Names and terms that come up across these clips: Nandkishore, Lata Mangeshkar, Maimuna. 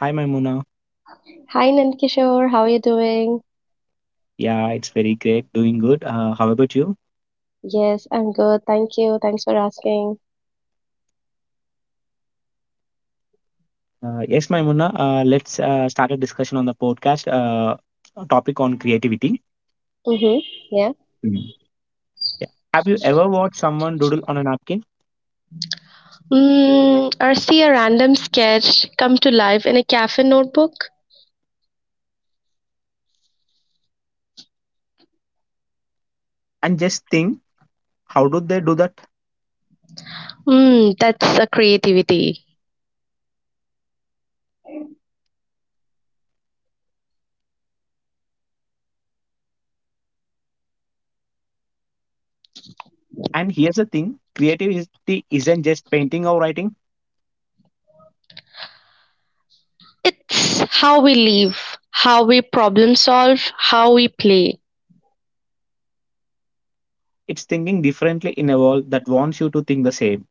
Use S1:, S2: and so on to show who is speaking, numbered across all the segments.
S1: Hi, Maimuna.
S2: Hi Nandkishore, how are you doing?
S1: Yeah, it's very great. Doing good. How about you?
S2: Yes, I'm good. Thank you. Thanks for asking.
S1: Yes, Maimuna. Let's start a discussion on the podcast topic on creativity.
S2: Mm-hmm. Yeah.
S1: Mm. Yeah. Have you ever watched someone doodle on a napkin
S2: Mm, or see a random sketch come to life in a cafe notebook.
S1: and just think, how do they do that?
S2: Mm, that's a creativity.
S1: And here's the thing, creativity isn't just painting or writing,
S2: It's how we live, how we problem solve, how we play.
S1: it's thinking differently in a world that wants you to think the same.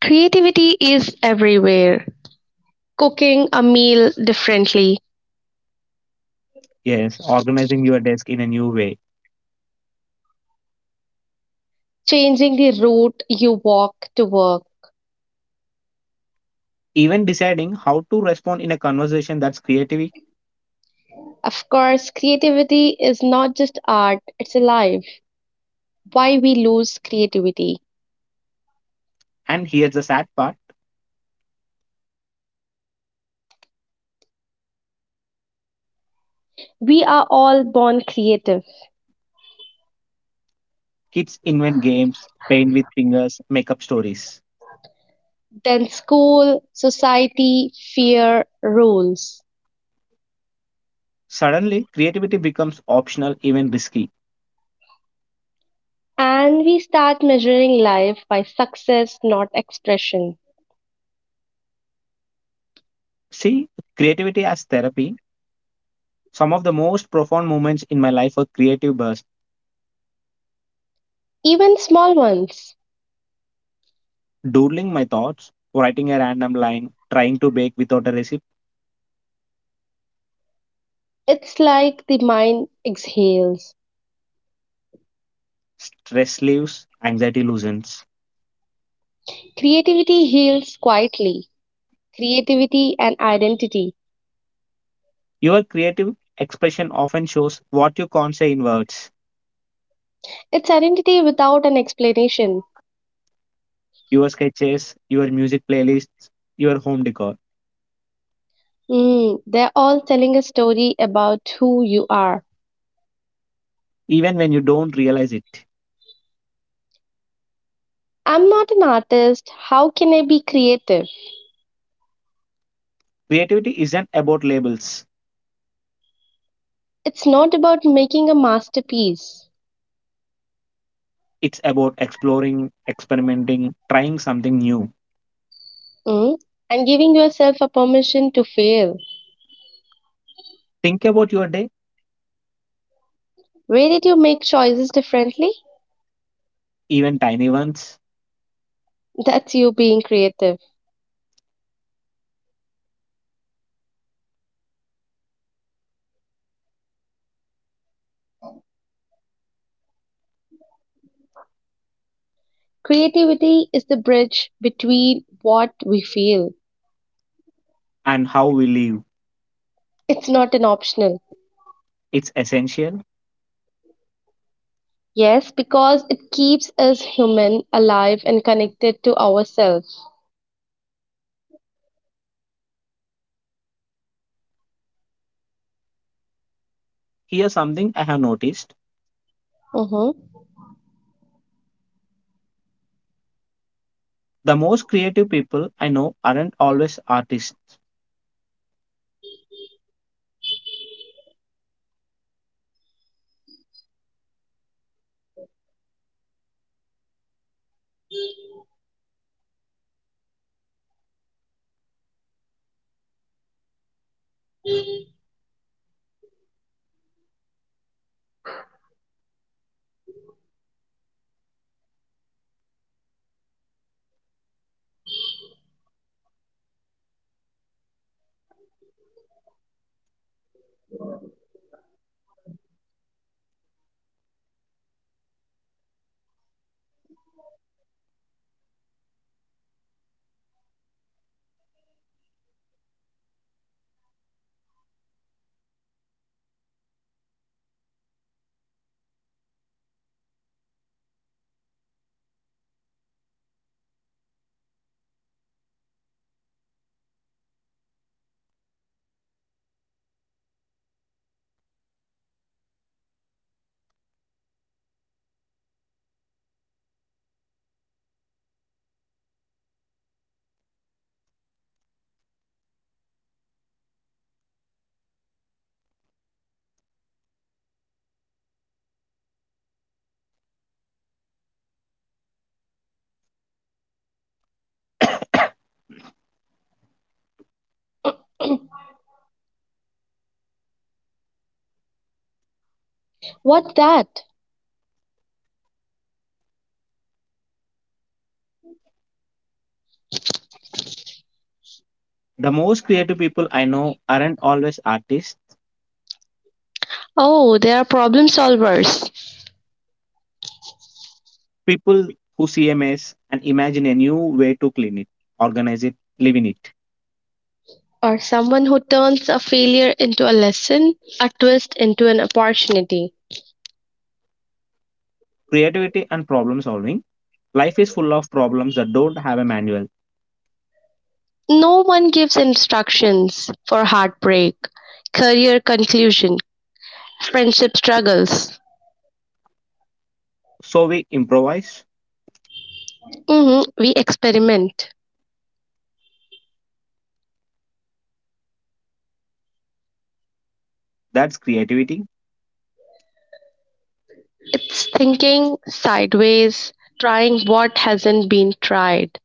S2: Creativity is everywhere. Cooking a meal differently,
S1: Yes, organizing your desk in a new way.
S2: changing the route you walk to work.
S1: Even deciding how to respond in a conversation, that's creativity.
S2: Of course, creativity is not just art, it's alive. Why we lose creativity.
S1: And here's the sad part.
S2: We are all born creative.
S1: Kids invent games, paint with fingers, make up stories.
S2: Then school, society, fear, rules.
S1: Suddenly, creativity becomes optional, even risky.
S2: And we start measuring life by success, not expression.
S1: See, creativity as therapy. Some of the most profound moments in my life were creative bursts,
S2: Even small ones.
S1: doodling my thoughts, writing a random line, trying to bake without a recipe.
S2: It's like the mind exhales.
S1: Stress leaves, anxiety loosens.
S2: Creativity heals quietly. Creativity and identity.
S1: Your creative expression often shows what you can't say in words.
S2: It's identity without an explanation.
S1: Your sketches, your music playlists, your home decor,
S2: Hmm, they're all telling a story about who you are.
S1: even when you don't realize it.
S2: I'm not an artist. How can I be creative?
S1: Creativity isn't about labels.
S2: It's not about making a masterpiece.
S1: It's about exploring, experimenting, trying something new.
S2: mm, and giving yourself a permission to fail.
S1: Think about your day,
S2: Where did you make choices differently?
S1: even tiny ones,
S2: That's you being creative. Creativity is the bridge between what we feel.
S1: and how we live.
S2: It's not an optional.
S1: It's essential.
S2: Yes, because it keeps us human, alive, and connected to ourselves.
S1: Here's something I have noticed.
S2: Mm-hmm.
S1: The most creative people I know aren't always artists.
S2: What that?
S1: The most creative people I know aren't always artists.
S2: Oh, they are problem solvers.
S1: People who see a mess and imagine a new way to clean it, organize it, live in it.
S2: Or someone who turns a failure into a lesson, a twist into an opportunity.
S1: Creativity and problem solving. Life is full of problems that don't have a manual.
S2: No one gives instructions for heartbreak, career conclusion, friendship struggles.
S1: So we improvise.
S2: We experiment.
S1: That's creativity.
S2: It's thinking sideways, trying what hasn't been tried.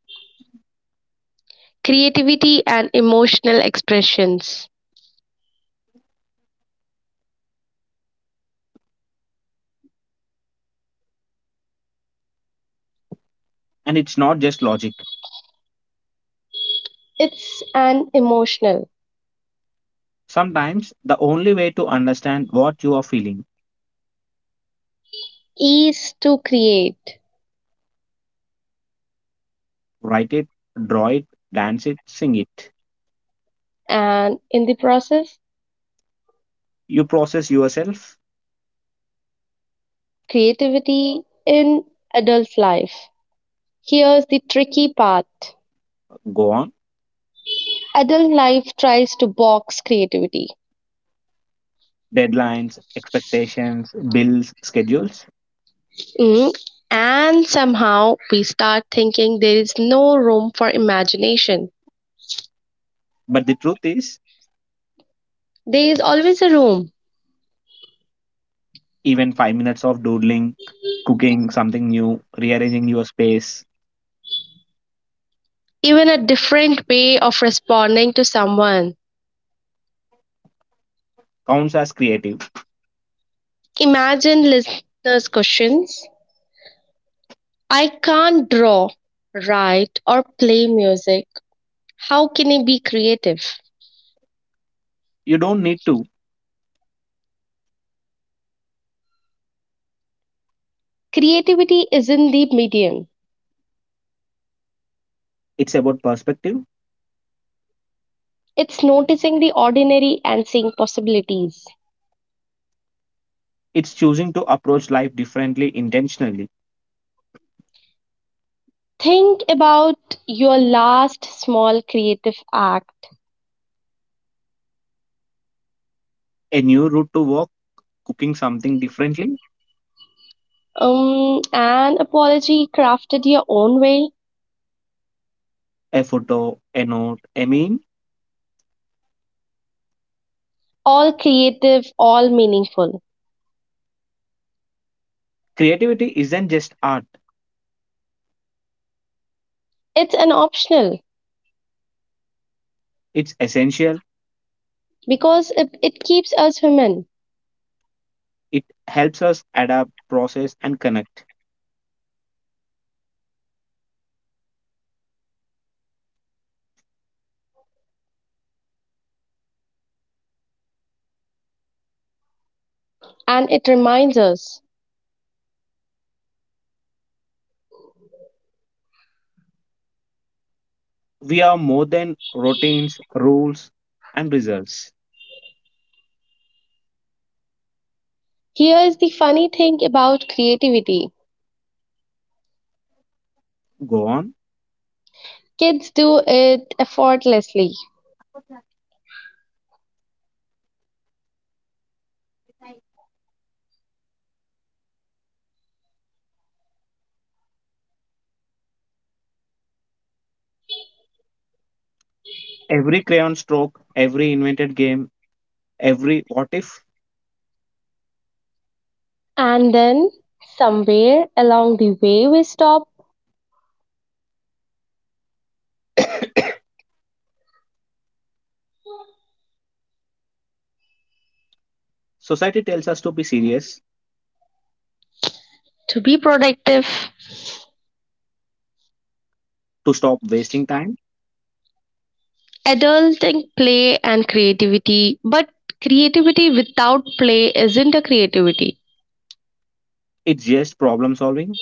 S2: Creativity and emotional expressions.
S1: And it's not just logic.
S2: It's an emotional
S1: Sometimes the only way to understand what you are feeling,
S2: ease to create
S1: write it, draw it, dance it, sing it.
S2: and in the process,
S1: You process yourself,
S2: creativity in adult life. Here's the tricky part.
S1: go on,
S2: Adult life tries to box creativity.
S1: deadlines, expectations, bills, schedules.
S2: Mm, And somehow we start thinking there is no room for imagination.
S1: But the truth is,
S2: There is always a room,
S1: even 5 minutes of doodling, cooking something new, rearranging your space
S2: even a different way of responding to someone.
S1: counts as creative.
S2: Imagine listeners' questions. I can't draw, write, or play music. How can I be creative?
S1: You don't need to.
S2: Creativity isn't the medium,
S1: It's about perspective.
S2: it's noticing the ordinary and seeing possibilities.
S1: It's choosing to approach life differently intentionally.
S2: Think about your last small creative act.
S1: A new route to work, cooking something differently,
S2: An apology crafted your own way,
S1: a photo, a note,
S2: all creative, all meaningful.
S1: creativity isn't just art,
S2: It's an optional
S1: it's essential.
S2: because it keeps us human
S1: It helps us adapt, process, and connect.
S2: and it reminds us.
S1: We are more than routines, rules, and results.
S2: Here's the funny thing about creativity.
S1: Go on.
S2: Kids do it effortlessly.
S1: Every crayon stroke, every invented game, every what if.
S2: And then somewhere along the way, we stop
S1: Society tells us to be serious,
S2: to be productive.
S1: to stop wasting time.
S2: Adulting play and creativity, but creativity without play isn't a creativity.
S1: It's just problem solving,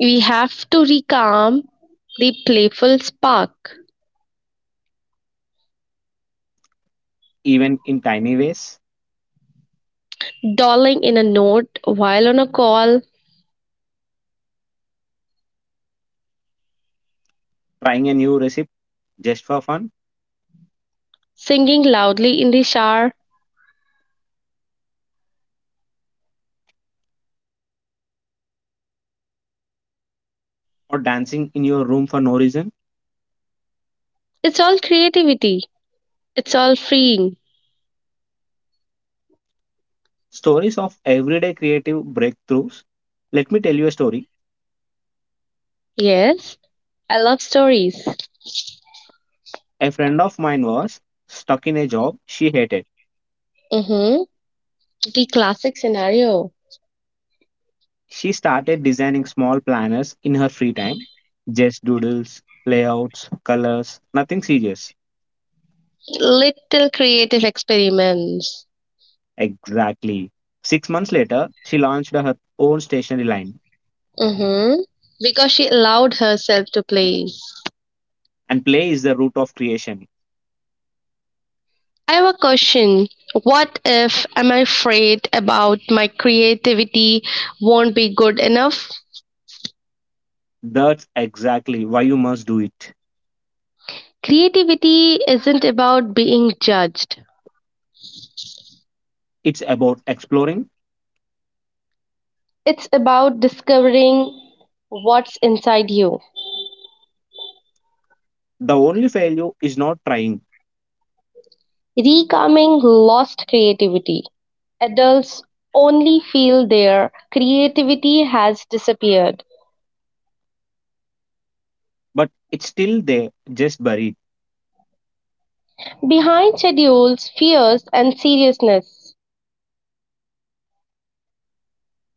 S2: We have to recalm the playful spark.
S1: even in tiny ways.
S2: Dolling in a note while on a call,
S1: Trying a new recipe just for fun,
S2: singing loudly in the shower.
S1: or dancing in your room for no reason.
S2: It's all creativity. It's all freeing.
S1: Stories of everyday creative breakthroughs. Let me tell you a story.
S2: Yes, I love stories.
S1: A friend of mine was stuck in a job she hated.
S2: Mm-hmm. The classic scenario.
S1: She started designing small planners in her free time, just doodles, layouts, colors, nothing serious.
S2: Little creative experiments.
S1: Exactly. Six months later, she launched her own stationery line.
S2: hmm Because she allowed herself to play.
S1: And play is the root of creation.
S2: I have a question. What if I'm afraid about my creativity won't be good enough?
S1: That's exactly why you must do it.
S2: Creativity isn't about being judged,
S1: It's about exploring.
S2: it's about discovering what's inside you,
S1: The only failure is not trying,
S2: recalming lost creativity. Adults only feel their creativity has disappeared
S1: but it's still there, just buried.
S2: behind schedules, fears, and seriousness.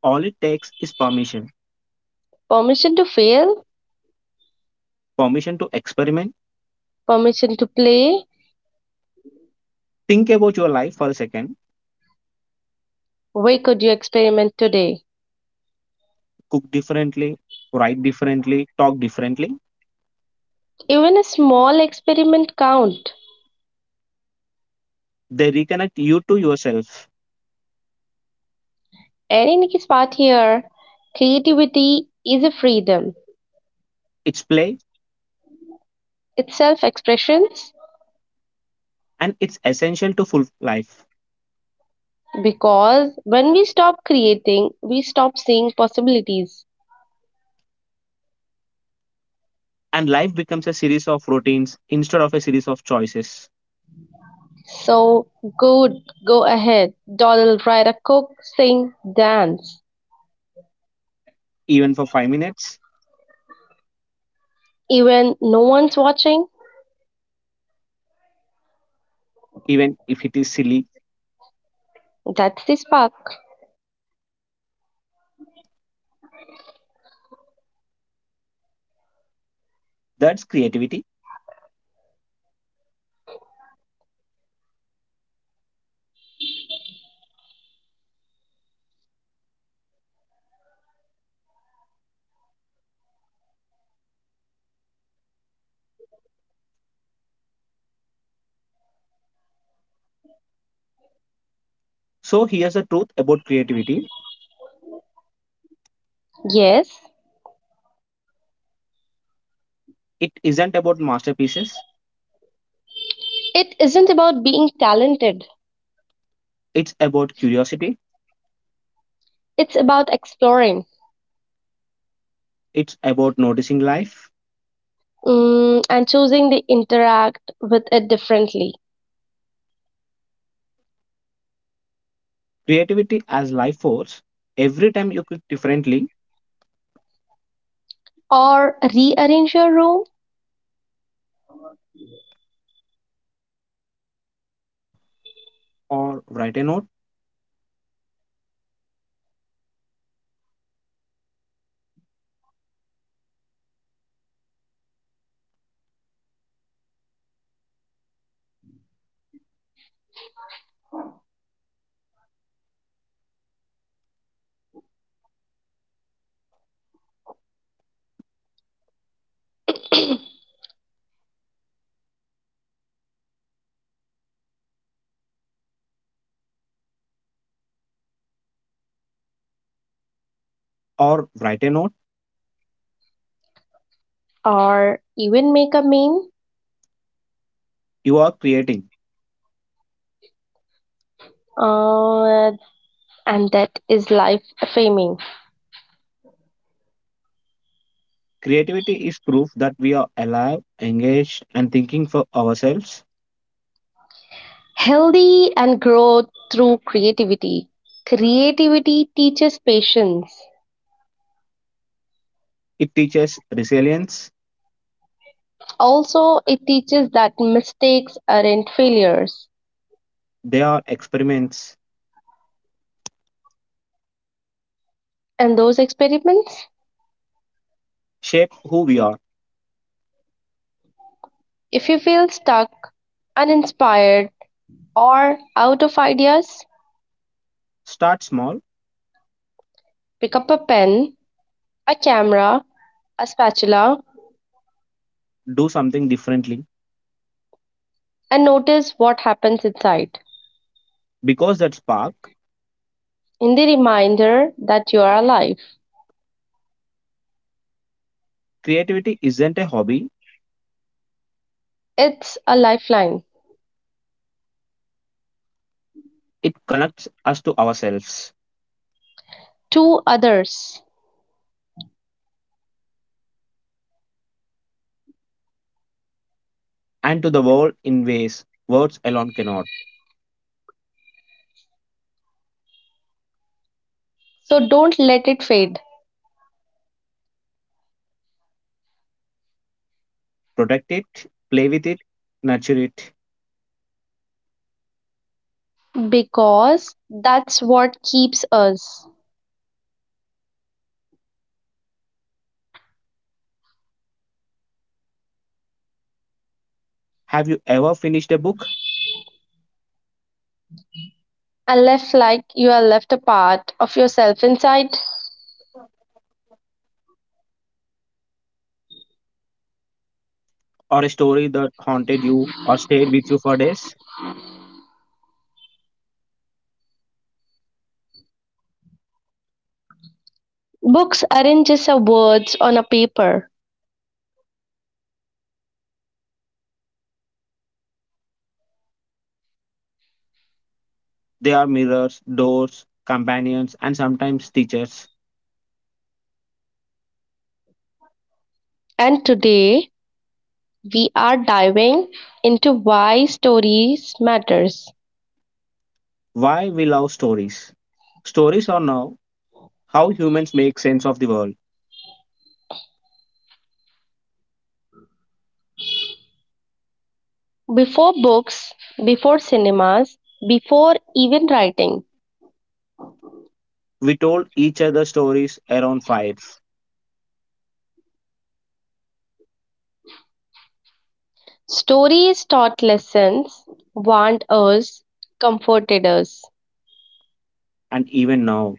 S1: All it takes is permission,
S2: Permission to fail,
S1: permission to experiment.
S2: permission to play.
S1: Think about your life for a second.
S2: Where could you experiment today?
S1: Cook differently, write differently, talk differently.
S2: Even a small experiment count.
S1: They reconnect you to yourself.
S2: Any Nikki's part here, creativity is a freedom.
S1: It's play,
S2: It's self-expressions
S1: and it's essential to full life,
S2: because when we stop creating, we stop seeing possibilities.
S1: and life becomes a series of routines instead of a series of choices.
S2: So good, go ahead, dawdle, write a cook, sing, dance.
S1: Even for 5 minutes,
S2: Even no one's watching,
S1: even if it is silly,
S2: that's the spark.
S1: that's creativity. So here's the truth about creativity,
S2: Yes,
S1: it isn't about masterpieces,
S2: it isn't about being talented.
S1: it's about curiosity,
S2: It's about exploring
S1: it's about noticing life,
S2: and choosing to interact with it differently
S1: creativity as life force. Every time you click differently
S2: or rearrange your room.
S1: or write a note, or write a note,
S2: Or even make a meme.
S1: you are creating.
S2: uh, and that is life affirming,
S1: Creativity is proof that we are alive, engaged, and thinking for ourselves.
S2: healthy and grow through creativity. Creativity teaches patience.
S1: It teaches resilience.
S2: Also, it teaches that mistakes aren't failures.
S1: They are experiments,
S2: And those experiments,
S1: shape who we are.
S2: if you feel stuck, uninspired, or out of ideas,
S1: Start small,
S2: pick up a pen, a camera, a spatula,
S1: do something differently,
S2: and notice what happens inside.
S1: because that spark,
S2: In the reminder that you are alive,
S1: creativity isn't a hobby,
S2: it's a lifeline
S1: it connects us to ourselves
S2: to others.
S1: and to the world in ways words alone cannot.
S2: So don't let it fade.
S1: Protect it, play with it, nurture it.
S2: Because that's what keeps us.
S1: Have you ever finished a book
S2: Unless like you are left a part of yourself inside.
S1: or a story that haunted you or stayed with you for days?
S2: Books aren't just a words on a paper.
S1: They are mirrors, doors, companions, and sometimes teachers.
S2: And today we are diving into why stories matters.
S1: Why we love stories. Stories are now how humans make sense of the world.
S2: Before books, before cinemas, before even writing.
S1: We told each other stories around fires,
S2: Stories taught lessons, warned us, comforted us.
S1: and even now,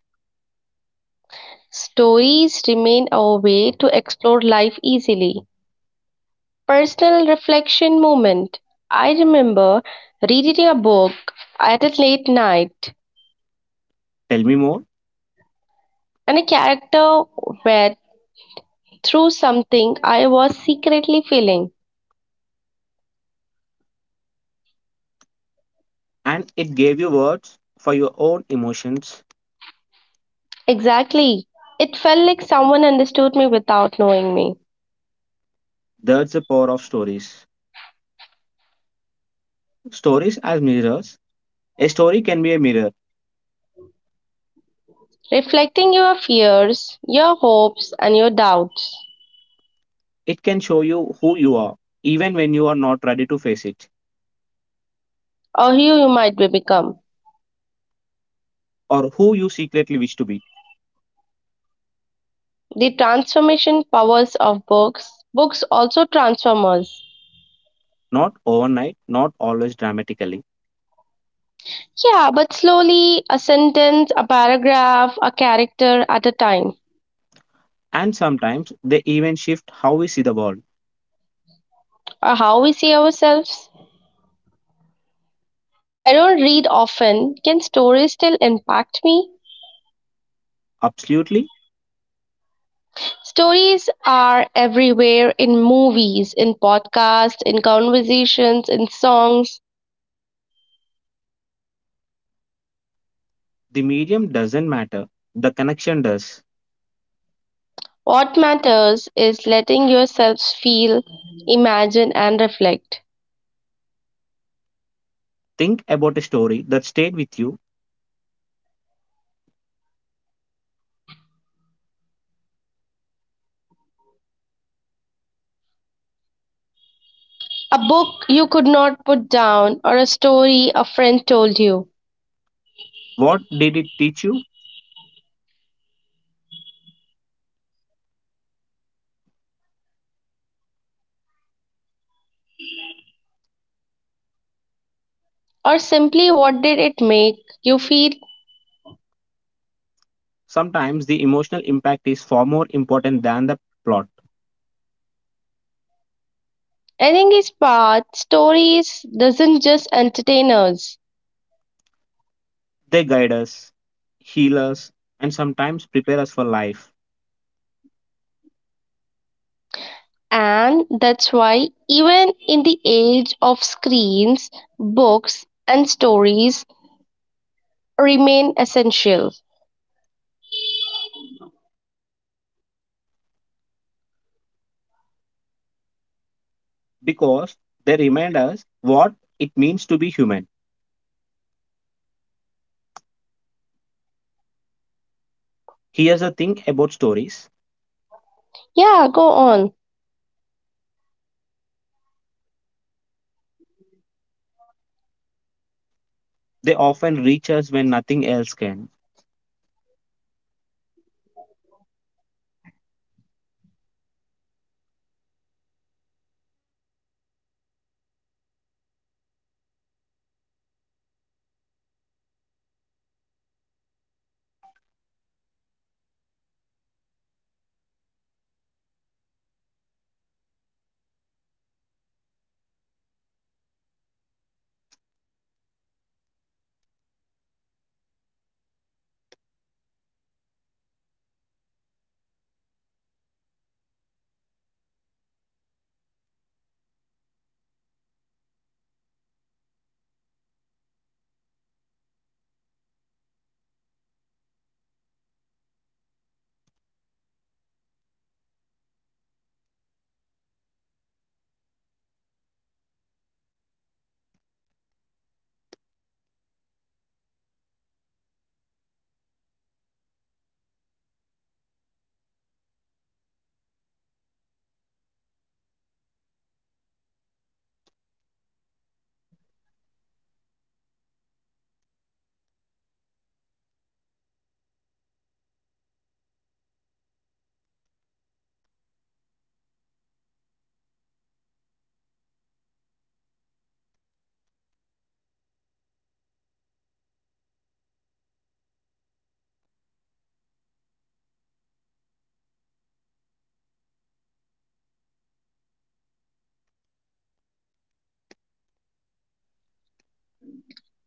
S2: Stories remain our way to explore life easily. Personal reflection moment. I remember reading a book at a late night
S1: tell me more.
S2: and a character read through something I was secretly feeling.
S1: And it gave you words for your own emotions.
S2: Exactly. It felt like someone understood me without knowing me.
S1: That's the power of stories. Stories as mirrors. A story can be a mirror.
S2: Reflecting your fears, your hopes, and your doubts,
S1: It can show you who you are, even when you are not ready to face it,
S2: or who you might be become.
S1: or who you secretly wish to be.
S2: The transformation powers of books. Books also transform us.
S1: Not overnight, not always dramatically.
S2: Yeah, but slowly, a sentence, a paragraph, a character at a time,
S1: And sometimes they even shift how we see the world.
S2: or how we see ourselves. I don't read often. Can stories still impact me?
S1: Absolutely,
S2: Stories are everywhere in movies, in podcasts, in conversations, in songs.
S1: the medium doesn't matter, the connection does.
S2: What matters is letting yourselves feel, imagine, and reflect.
S1: Think about a story that stayed with you.
S2: A book you could not put down, or a story a friend told you,
S1: What did it teach you?
S2: or simply what did it make you feel?
S1: Sometimes the emotional impact is far more important than the plot.
S2: I think English Part stories doesn't just entertain us,
S1: They guide us, heal us, and sometimes prepare us for life,
S2: and that's why even in the age of screens, books and stories remain essential.
S1: because they remind us what it means to be human. Here's the thing about stories,
S2: Yeah,
S1: they often reach us when nothing else can.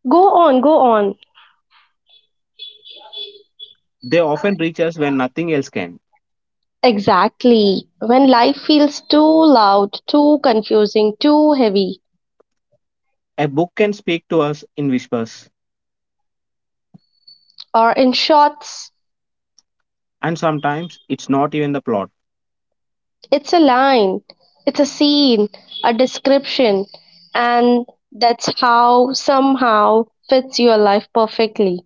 S2: go on.
S1: They often reach us when nothing else can.
S2: Exactly. When life feels too loud, too confusing, too heavy,
S1: A book can speak to us in whispers,
S2: or in shots,
S1: and sometimes it's not even the plot.
S2: it's a line, it's a scene, a description, and that's how somehow fits your life perfectly.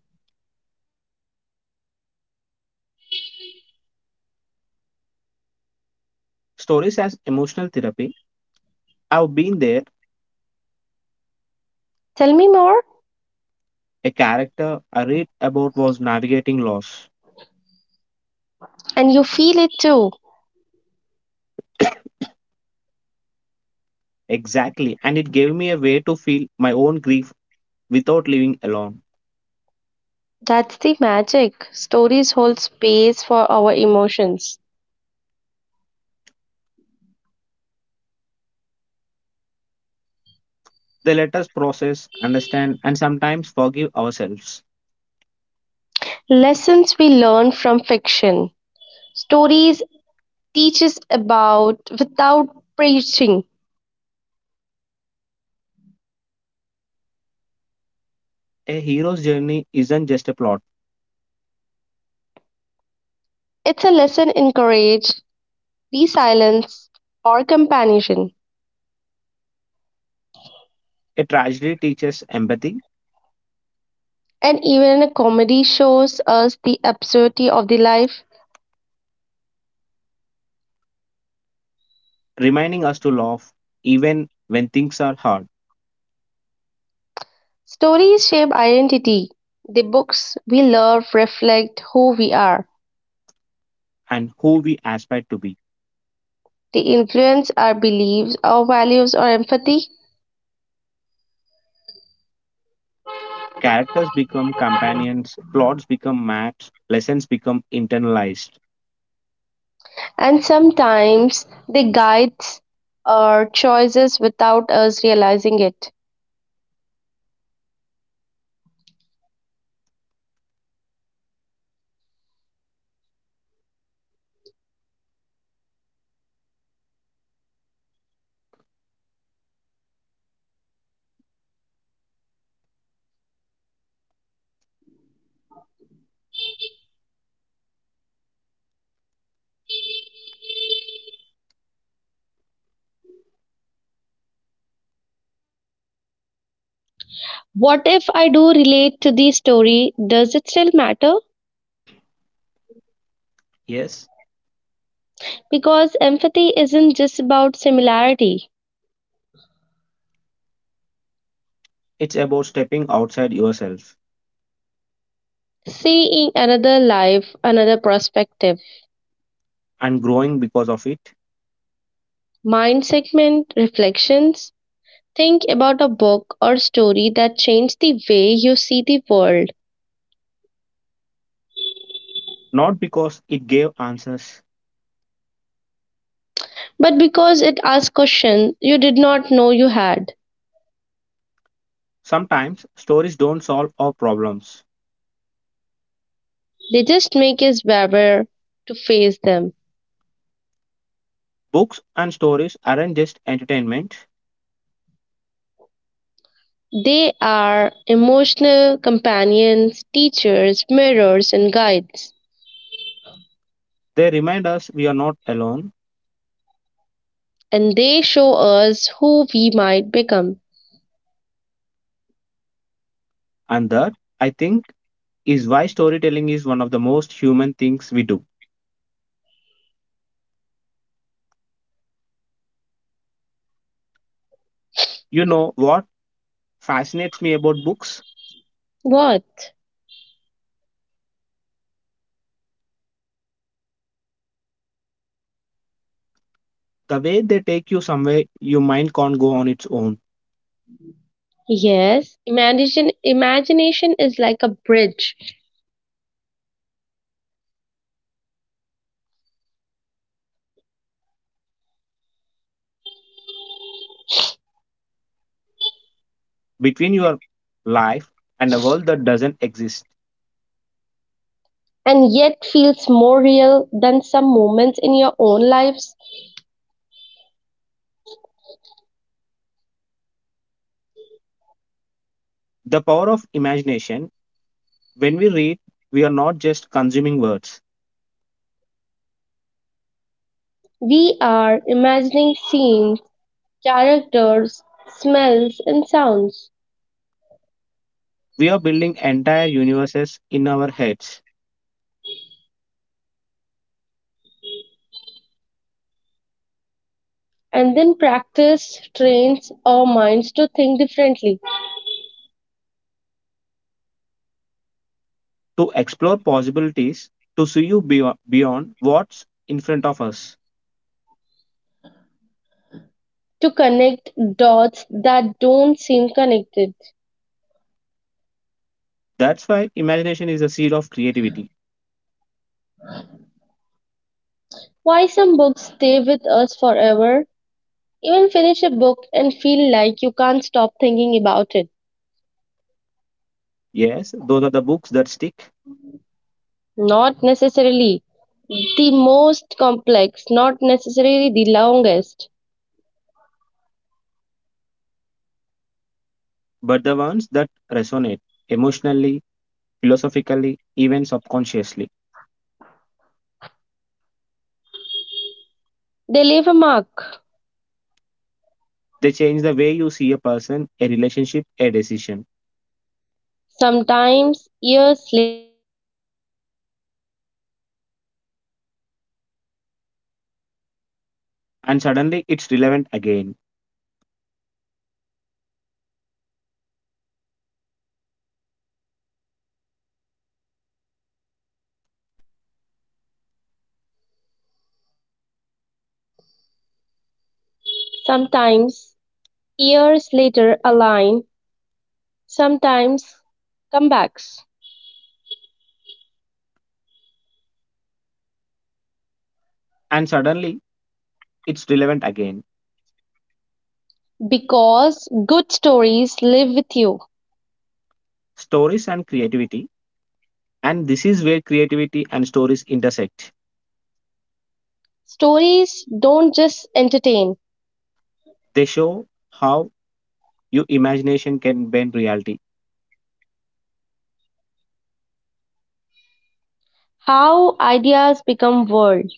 S1: Stories as emotional therapy. I've been there.
S2: Tell me more,
S1: A character I read about was navigating loss.
S2: and you feel it too.
S1: Exactly, and it gave me a way to feel my own grief without living alone.
S2: That's the magic. Stories hold space for our emotions.
S1: They let us process, understand, and sometimes forgive ourselves.
S2: Lessons we learn from fiction. Stories teaches about without preaching.
S1: A hero's journey isn't just a plot.
S2: It's a lesson in courage, resilience, or companionship.
S1: A tragedy teaches empathy,
S2: And even in a comedy shows us the absurdity of the life.
S1: reminding us to laugh even when things are hard,
S2: Stories shape identity. The books we love reflect who we are.
S1: and who we aspire to be.
S2: They influence our beliefs, our values, our empathy,
S1: Characters become companions, plots become maps, lessons become internalized.
S2: and sometimes they guide our choices without us realizing it. What if I do relate to the story? Does it still matter?
S1: Yes,
S2: Because empathy isn't just about similarity.
S1: it's about stepping outside yourself
S2: Seeing another life, another perspective,
S1: and growing because of it,
S2: mind segment, reflections. Think about a book or story that changed the way you see the world.
S1: not because it gave answers.
S2: But because it asks questions you did not know you had,
S1: Sometimes stories don't solve our problems.
S2: they just make us braver to face them.
S1: Books and stories aren't just entertainment,
S2: They are emotional companions, teachers, mirrors, and guides.
S1: they remind us we are not alone.
S2: And they show us who we might become.
S1: And that, I think, is why storytelling is one of the most human things we do. You know what fascinates me about books?
S2: What?
S1: The way they take you somewhere your mind can't go on its own,
S2: Yes, imagine imagination is like a bridge
S1: between your life and a world that doesn't exist.
S2: and yet feels more real than some moments in your own lives.
S1: The power of imagination, when we read, we are not just consuming words,
S2: We are imagining scenes, characters, smells and sounds
S1: we are building entire universes in our heads
S2: and then practice trains our minds to think differently,
S1: to explore possibilities, to see you beyond what's in front of us.
S2: to connect dots that don't seem connected.
S1: That's why imagination is the seed of creativity.
S2: Why some books stay with us forever? Even finish a book and feel like you can't stop thinking about it.
S1: Yes, those are the books that stick,
S2: Not necessarily the most complex, not necessarily the longest.
S1: but the ones that resonate emotionally, philosophically, even subconsciously.
S2: They leave a mark.
S1: They change the way you see a person, a relationship, a decision.
S2: Sometimes years later a line comes back.
S1: And suddenly it's relevant again.
S2: Sometimes years later a line, sometimes comebacks.
S1: And suddenly it's relevant again.
S2: Because good stories live with you.
S1: Stories and creativity. And this is where creativity and stories intersect.
S2: Stories don't just entertain,
S1: They show how your imagination can bend reality
S2: how ideas become world.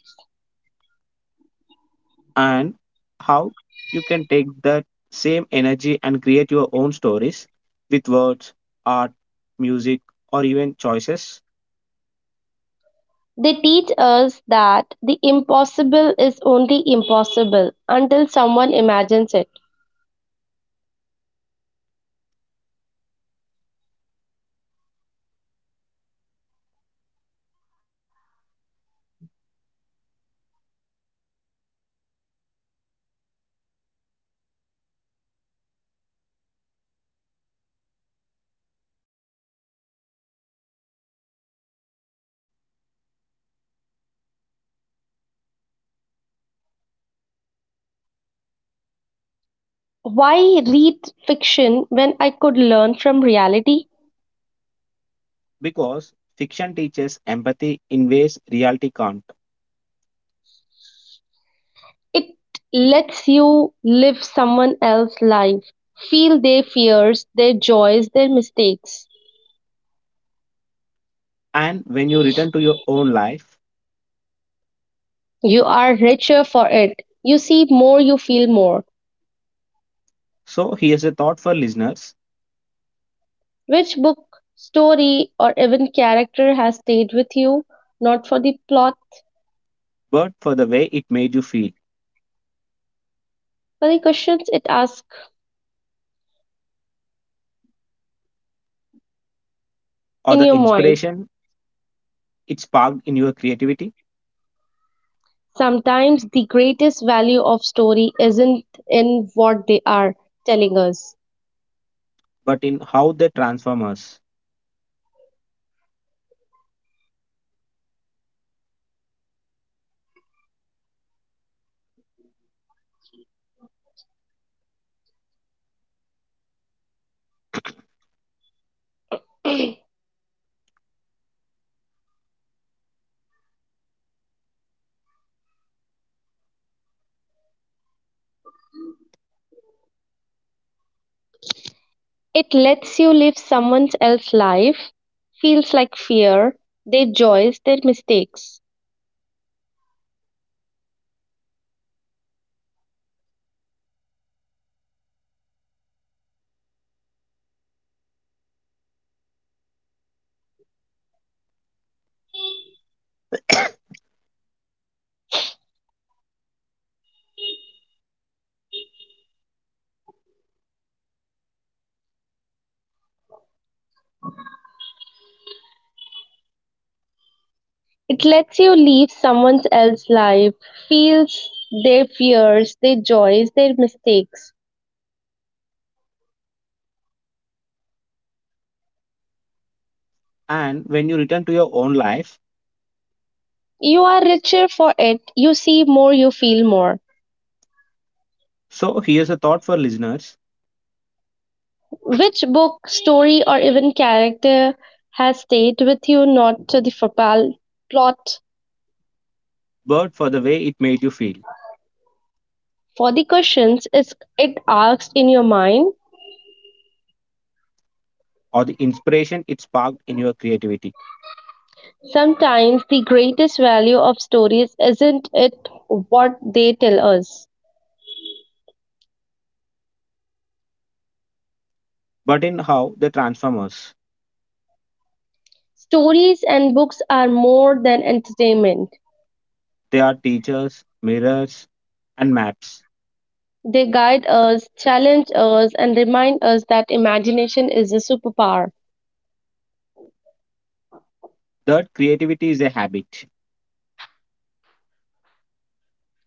S1: and how you can take that same energy and create your own stories with words, art, music, or even choices,
S2: They teach us that the impossible is only impossible until someone imagines it. Why read fiction when I could learn from reality?
S1: because fiction teaches empathy in ways reality can't.
S2: It lets you live someone else's life, feel their fears, their joys, their mistakes.
S1: And when you return to your own life,
S2: You are richer for it. You see more, you feel more.
S1: so here's a thought for listeners,
S2: Which book, story, or even character has stayed with you? Not for the plot,
S1: but for the way it made you feel
S2: but the questions it asks
S1: or
S2: in
S1: the
S2: your mind.
S1: inspiration it sparked in your creativity,
S2: Sometimes the greatest value of story isn't in what they are telling us.
S1: but in how they transform us.
S2: It lets you live someone else's life, feels like fear, their joys, their mistakes. It lets you live someone else's life, feels their fears, their joys, their mistakes.
S1: And when you return to your own life,
S2: You are richer for it, you see more, you feel more.
S1: so here's a thought for listeners,
S2: Which book, story, or even character has stayed with you, not to the formal plot.
S1: but for the way it made you feel
S2: For the questions is it asks in your mind.
S1: or the inspiration it sparked in your creativity,
S2: Sometimes the greatest value of stories isn't it what they tell us.
S1: but in how they transform us.
S2: Stories and books are more than entertainment.
S1: They are teachers, mirrors, and maps.
S2: They guide us, challenge us, and remind us that imagination is a superpower
S1: That creativity is a habit.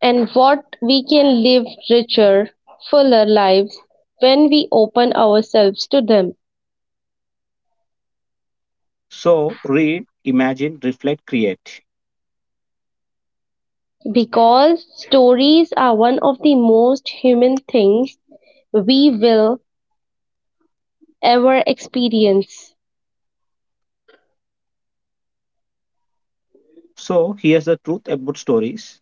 S2: and what we can live richer, fuller lives when we open ourselves to them.
S1: So, read, imagine, reflect, create.
S2: Because stories are one of the most human things we will ever experience.
S1: So, here's the truth about stories,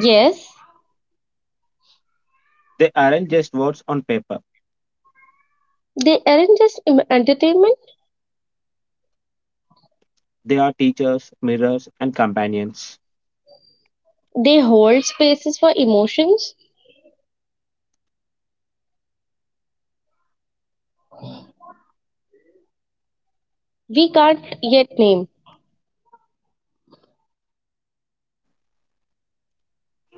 S2: Yes,
S1: they aren't just words on paper,
S2: they aren't just entertainment,
S1: they are teachers, mirrors, and companions.
S2: they hold spaces for emotions we can't yet name.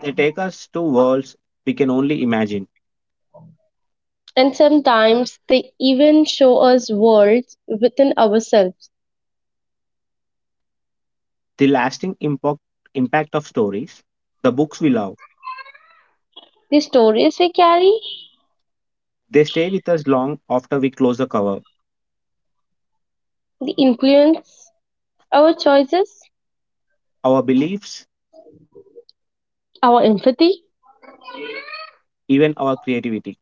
S1: They take us to worlds we can only imagine.
S2: And sometimes they even show us worlds within ourselves.
S1: The lasting impact, impact of stories, the books we love,
S2: The stories we carry,
S1: they stay with us long after we close the cover.
S2: the influence, our choices,
S1: Our beliefs,
S2: our empathy.
S1: even our creativity.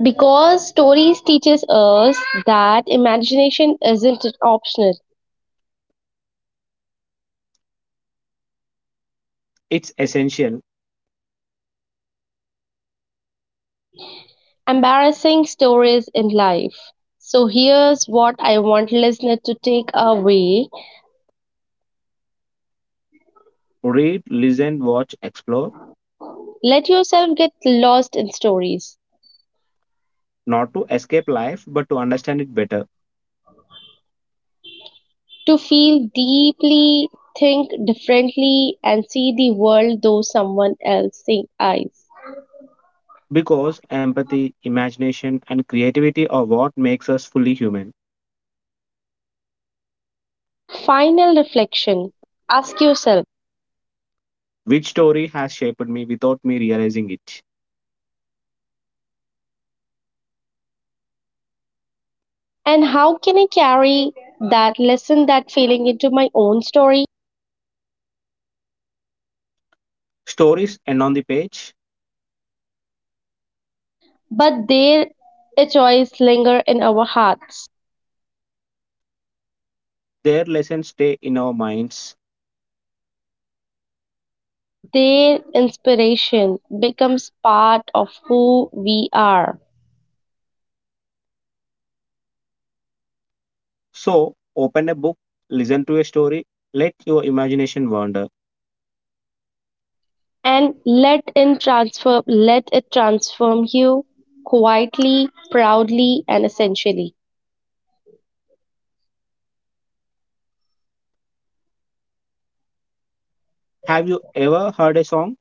S2: Because stories teaches us that imagination isn't optional.
S1: It's essential.
S2: Embarrassing stories in life. So here's what I want listener to take away.
S1: Read, listen, watch, explore,
S2: Let yourself get lost in stories.
S1: not to escape life, but to understand it better.
S2: To feel deeply, think differently and see the world through someone else's eyes.
S1: Because empathy, imagination, and creativity are what makes us fully human.
S2: Final reflection. Ask yourself,
S1: Which story has shaped me without me realizing it?
S2: and how can I carry that lesson, that feeling into my own story?
S1: Stories end on the page,
S2: But there a choice linger in our heart.
S1: their lessons stay in our minds.
S2: Their inspiration becomes part of who we are.
S1: So, open a book, listen to a story, let your imagination wander.
S2: And let in transform let it transform you quietly, proudly and essentially.
S1: Have you ever heard a song?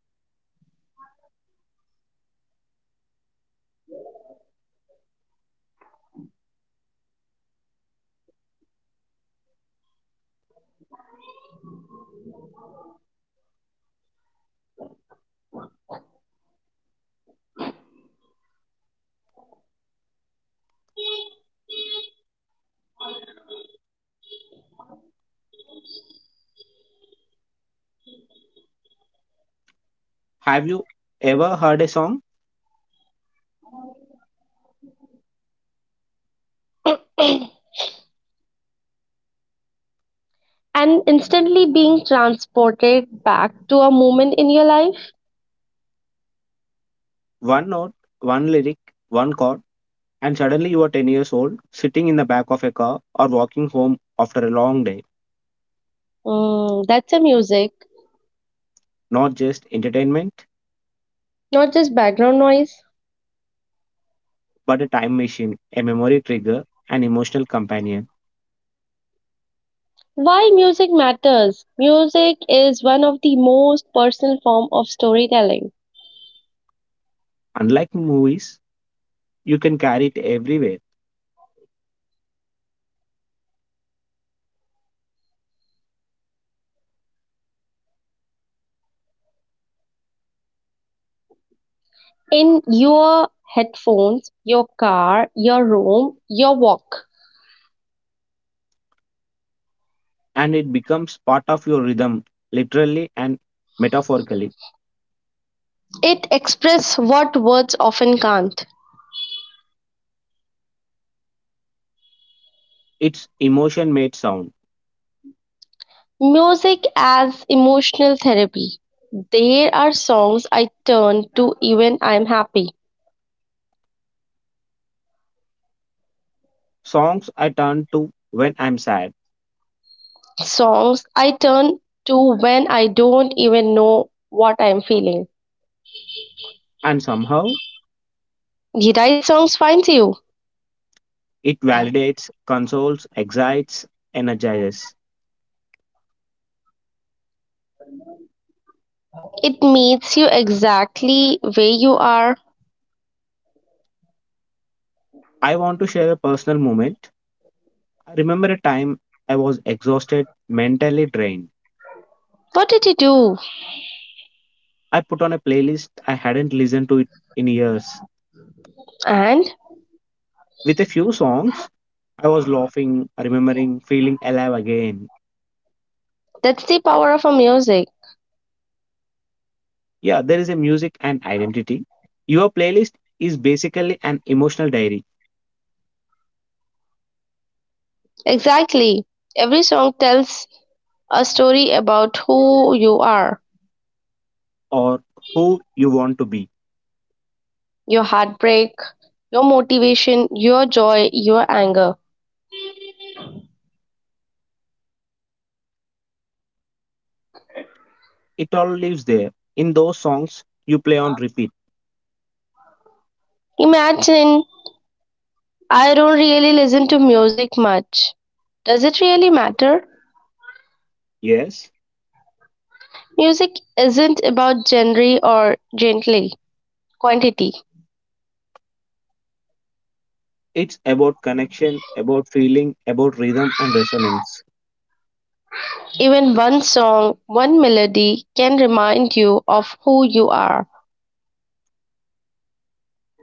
S1: Have you ever heard a song,
S2: And instantly being transported back to a moment in your life.
S1: one note, one lyric, one chord, and suddenly you are 10 years old, sitting in the back of a car or walking home after a long day?
S2: Mm, that's a music,
S1: Not just entertainment,
S2: not just background noise.
S1: but a time machine, a memory trigger, an emotional companion.
S2: Why music matters. Music is one of the most personal form of storytelling.
S1: Unlike movies, you can carry it everywhere
S2: In your headphones, your car, your room, your walk.
S1: and it becomes part of your rhythm, literally and metaphorically.
S2: It expresses what words often can't.
S1: It's emotion made sound.
S2: Music as emotional therapy. There are songs I turn to even I'm happy.
S1: Songs I turn to when I'm sad,
S2: Songs I turn to when I don't even know what I'm feeling.
S1: and somehow
S2: The right songs finds you.
S1: it validates, consoles, excites, energizes.
S2: It meets you exactly where you are.
S1: I want to share a personal moment. I remember a time I was exhausted, mentally drained.
S2: What did you do?
S1: I put on a playlist I hadn't listened to it in years.
S2: And
S1: With a few songs, I was laughing, remembering, feeling alive again.
S2: that's the power of a music.
S1: Yeah, there is a music and identity. Your playlist is basically an emotional diary,
S2: Exactly. Every song tells a story about who you are,
S1: or who you want to be.
S2: your heartbreak, your motivation, your joy, your anger.
S1: It all lives there in those songs you play on repeat.
S2: Imagine I don't really listen to music much. Does it really matter?
S1: Yes.
S2: Music isn't about genre or gently quantity.
S1: It's about connection, about feeling, about rhythm and resonance.
S2: Even one song, one melody can remind you of who you are.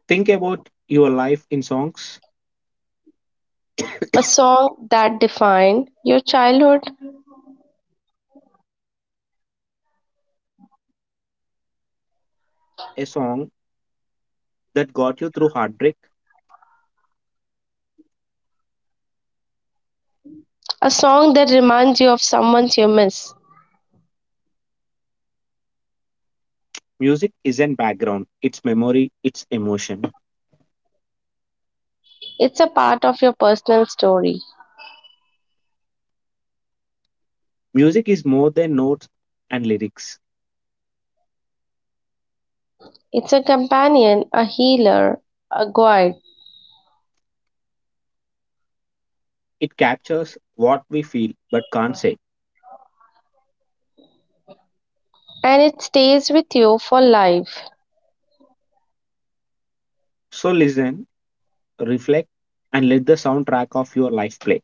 S1: Think about your life in songs.
S2: A song that defined your childhood,
S1: A song that got you through heartbreak.
S2: a song that reminds you of someone you miss.
S1: Music isn't background, it's memory, it's emotion.
S2: It's a part of your personal story.
S1: Music is more than notes and lyrics.
S2: It's a companion, a healer, a guide,
S1: It captures what we feel but can't say.
S2: and it stays with you for life
S1: So listen, reflect, and let the soundtrack of your life play.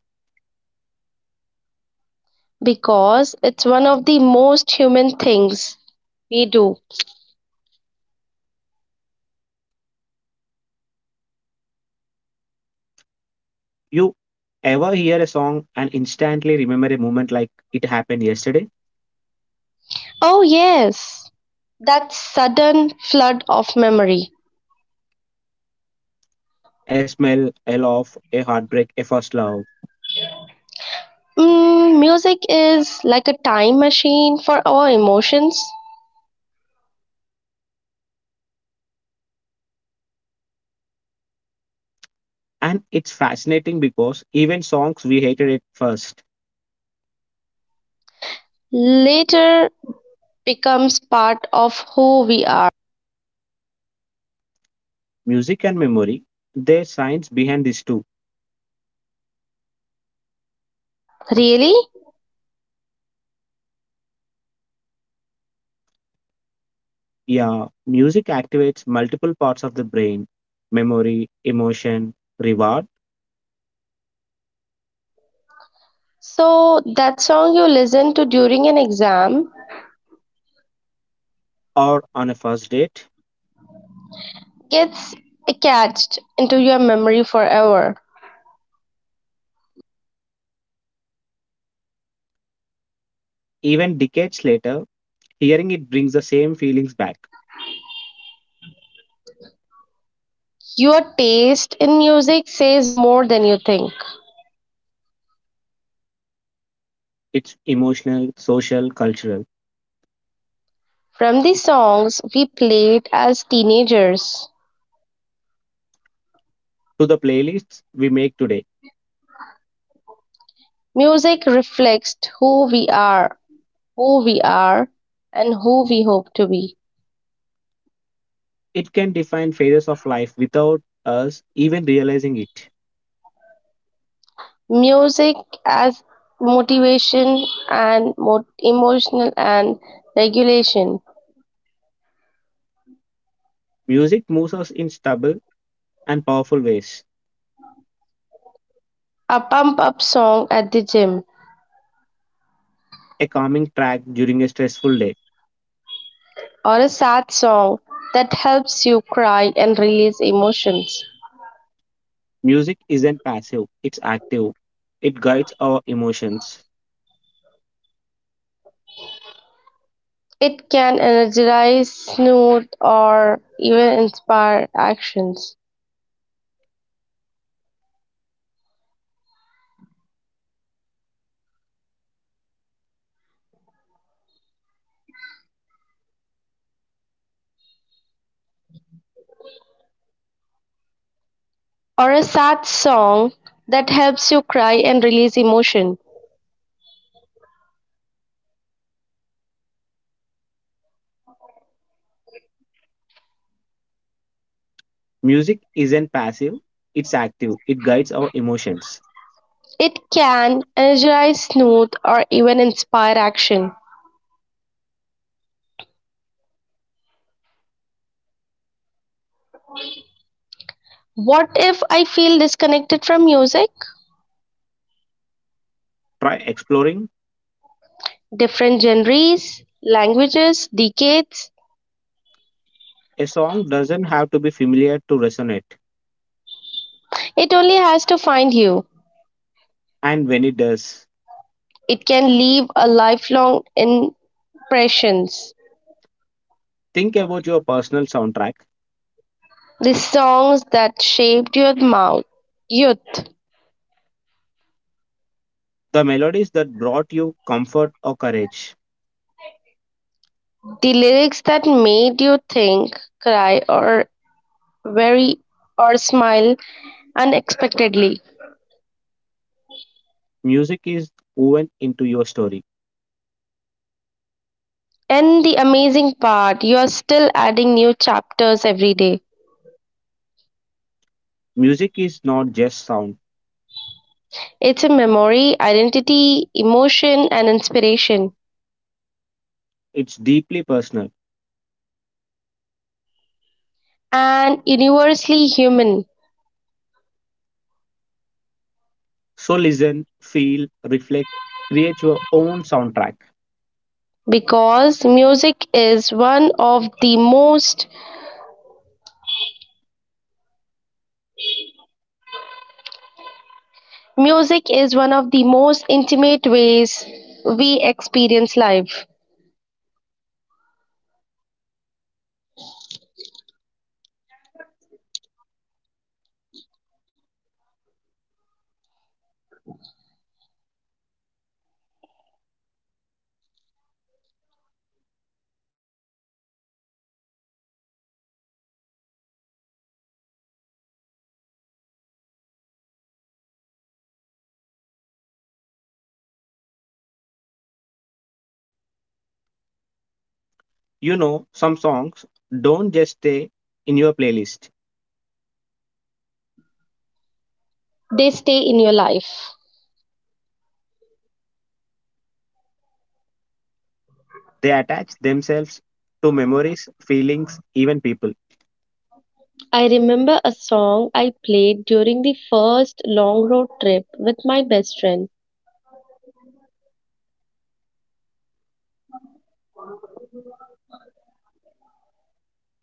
S2: because it's one of the most human things we do.
S1: You ever hear a song and instantly remember a moment like it happened yesterday?
S2: Oh, yes, that sudden flood of memory.
S1: A smell, a laugh, a heartbreak, a first love.
S2: Mm, music is like a time machine for our emotions.
S1: And it's fascinating because even songs we hated at first,
S2: Later becomes part of who we are.
S1: music and memory, there's science behind this too.
S2: Really?
S1: Yeah, music activates multiple parts of the brain, memory, emotion, reward,
S2: So that song you listen to during an exam
S1: or on a first date.
S2: gets etched into your memory forever.
S1: Even decades later, hearing it brings the same feelings back.
S2: Your taste in music says more than you think.
S1: It's emotional, social, cultural.
S2: From the songs we played as teenagers,
S1: To the playlists we make today,
S2: music reflects who we are, and who we hope to be.
S1: it can define phases of life without us even realizing it.
S2: Music as motivation and emotional and regulation.
S1: Music moves us in stubble and powerful ways.
S2: A pump up song at the gym
S1: A calming track during a stressful day.
S2: or a sad song that helps you cry and release emotions.
S1: Music isn't passive, it's active. It guides our emotions.
S2: It can energize, smooth, or even inspire actions. Or a sad song that helps you cry and release emotion.
S1: Music isn't passive, it's active. It guides our emotions.
S2: It can energize, smooth, or even inspire action. What if I feel disconnected from music?
S1: Try exploring.
S2: Different genres, languages, decades.
S1: A song doesn't have to be familiar to resonate.
S2: It only has to find you.
S1: And when it does,
S2: It can leave a lifelong impressions.
S1: think about your personal soundtrack,
S2: The songs that shaped your mouth, youth,
S1: the melodies that brought you comfort or courage.
S2: the lyrics that made you think, cry, or worry, or smile unexpectedly.
S1: Music is woven into your story.
S2: And the amazing part, you are still adding new chapters every day.
S1: Music is not just sound,
S2: It's a memory, identity, emotion, and inspiration,
S1: it's deeply personal.
S2: and universally human
S1: So listen, feel, reflect, create your own soundtrack.
S2: because music is one of the most intimate ways we experience life.
S1: You know, some songs don't just stay in your playlist,
S2: They stay in your life.
S1: they attach themselves to memories, feelings, even people.
S2: I remember a song I played during the first long road trip with my best friend.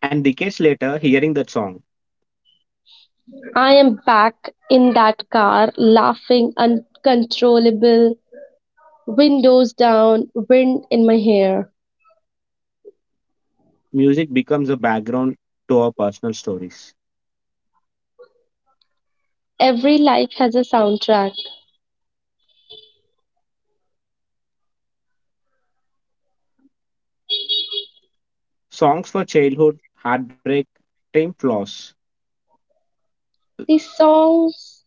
S1: And decades later, hearing that song,
S2: I am back in that car laughing uncontrollable. Windows down, wind in my hair.
S1: music becomes a background to our personal stories.
S2: Every life has a soundtrack.
S1: Songs for childhood, heartbreak, time flaws.
S2: These songs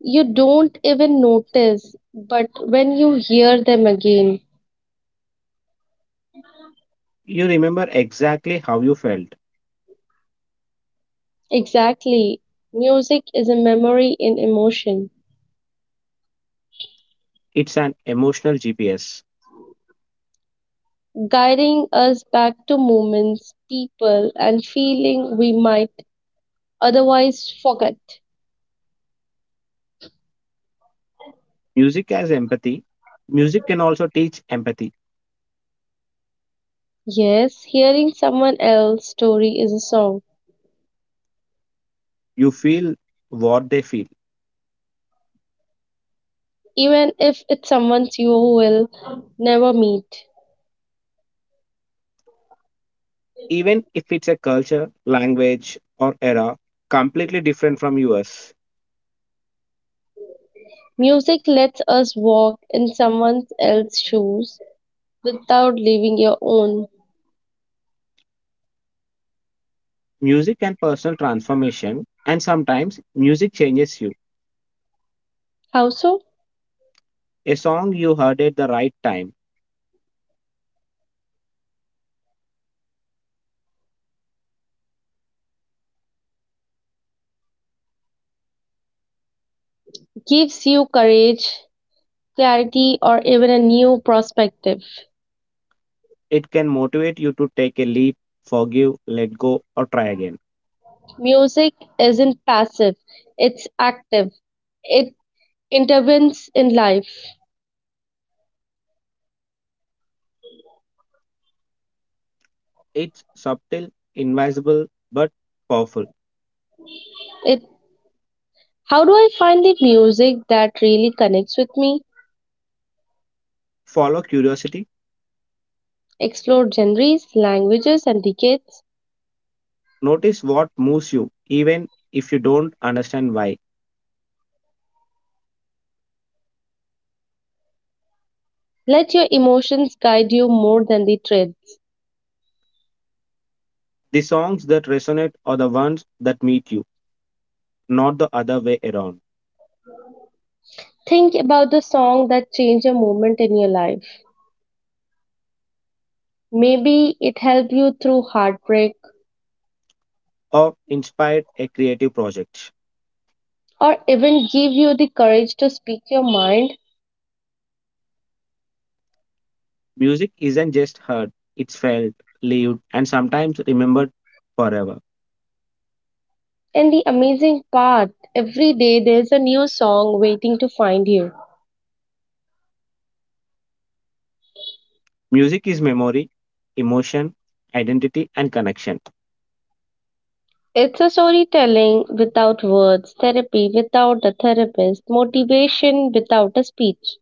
S2: you don't even notice, but when you hear them again,
S1: You remember exactly how you felt.
S2: exactly, music is a memory in emotion,
S1: It's an emotional GPS.
S2: guiding us back to moments, people, and feeling we might otherwise forget.
S1: Music has empathy. Music can also teach empathy.
S2: Yes, hearing someone else's story is a song,
S1: You feel what they feel,
S2: even if it's someone you will never meet.
S1: even if it's a culture, language, or era completely different from yours.
S2: Music lets us walk in someone else's shoes without leaving your own.
S1: Music and personal transformation, and sometimes music changes you.
S2: Also,
S1: A song you heard at the right time,
S2: gives you courage, clarity, or even a new perspective.
S1: it can motivate you to take a leap, forgive, let go, or try again.
S2: Music isn't passive, it's active. It intervenes in life.
S1: It's subtle, invisible, but powerful.
S2: It How do I find the music that really connects with me?
S1: Follow curiosity,
S2: Explore genres, languages, and decades.
S1: notice what moves you, even if you don't understand why.
S2: Let your emotions guide you more than the trend.
S1: The songs that resonate are the ones that meet you, not the other way around,
S2: Think about the song that changed a moment in your life. Maybe it helped you through heartbreak
S1: or inspired a creative project.
S2: or even give you the courage to speak your mind.
S1: Music isn't just heard, it's felt, lived, and sometimes remembered forever.
S2: And the amazing part, every day there's a new song waiting to find you.
S1: Music is memory, emotion, identity, and connection.
S2: It's a storytelling without words, therapy without a therapist, motivation without a speech.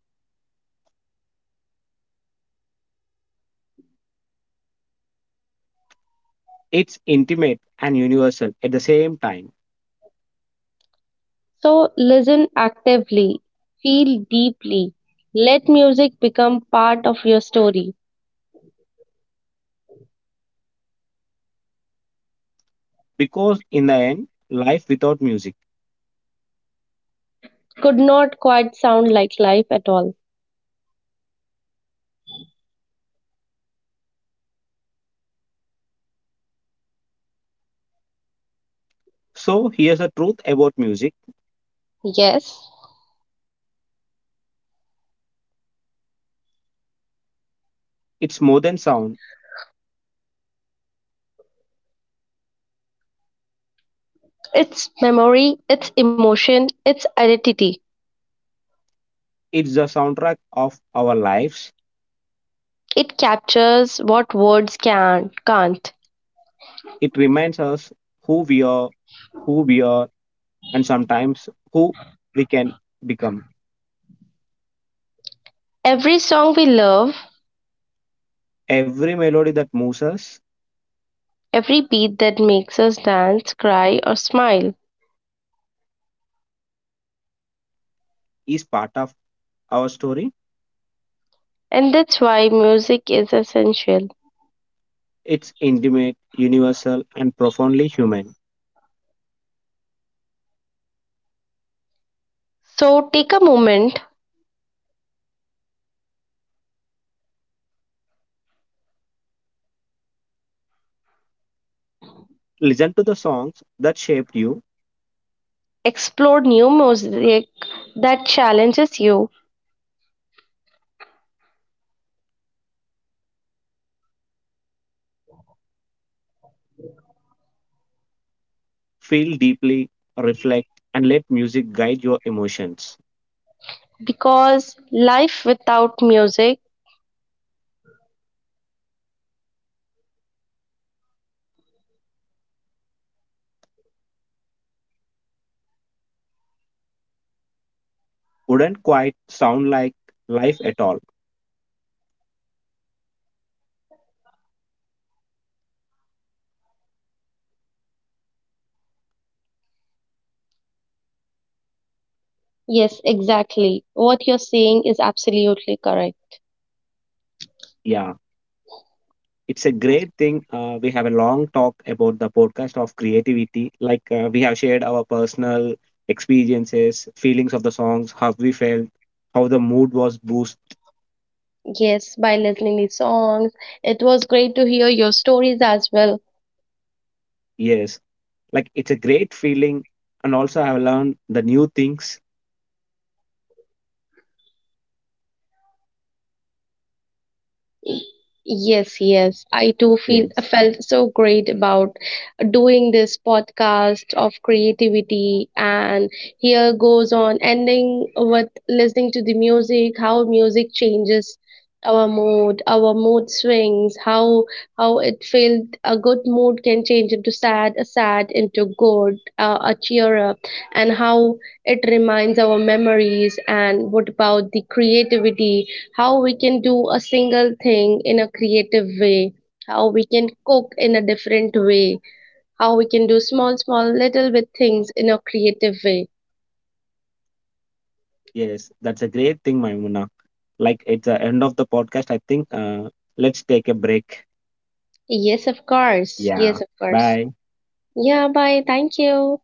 S1: It's intimate and universal at the same time
S2: So listen actively, feel deeply, let music become part of your story.
S1: because, in the end, life without music.
S2: Could not quite sound like life at all.
S1: So, here's the truth about music,
S2: Yes,
S1: it's more than sound,
S2: it's memory, it's emotion, it's identity.
S1: it's the soundtrack of our lives.
S2: It captures what words can, can't.
S1: It reminds us who we are, who we are, and sometimes who we can become.
S2: Every song we love,
S1: Every melody that moves us
S2: every beat that makes us dance, cry, or smile.
S1: is part of our story.
S2: And that's why music is essential.
S1: It's intimate, universal, and profoundly human.
S2: So take a moment,
S1: Listen to the songs that shaped you,
S2: explore new music that challenges you,
S1: feel deeply, reflect, and let music guide your emotions.
S2: because life without music,
S1: Wouldn't quite sound like life at all.
S2: yes, exactly. What you're saying is absolutely correct.
S1: Yeah. It's a great thing. We have a long talk about the podcast of creativity. We have shared our personal experiences, feelings of the songs, how we felt, how the mood was boosted.
S2: Yes, by listening to songs. It was great to hear your stories as well.
S1: Yes, like it's a great feeling. And also, I have learned the new things.
S2: Yes, yes. I too feel
S1: Yes,
S2: felt so great about doing this podcast of creativity and here goes on ending with listening to the music, how music changes our mood swings, how it felt a good mood can change into sad, a sad into good, a cheer up, and how it reminds our memories and what about the creativity how we can do a single thing in a creative way, how we can cook in a different way, how we can do small, small, little bit things in a creative way.
S1: yes, that's a great thing, Maimuna. Like it's the end of the podcast. I think. Let's take a break.
S2: Yes, of course.
S1: Yeah.
S2: Yes, of course.
S1: Bye.
S2: Yeah, bye. Thank you.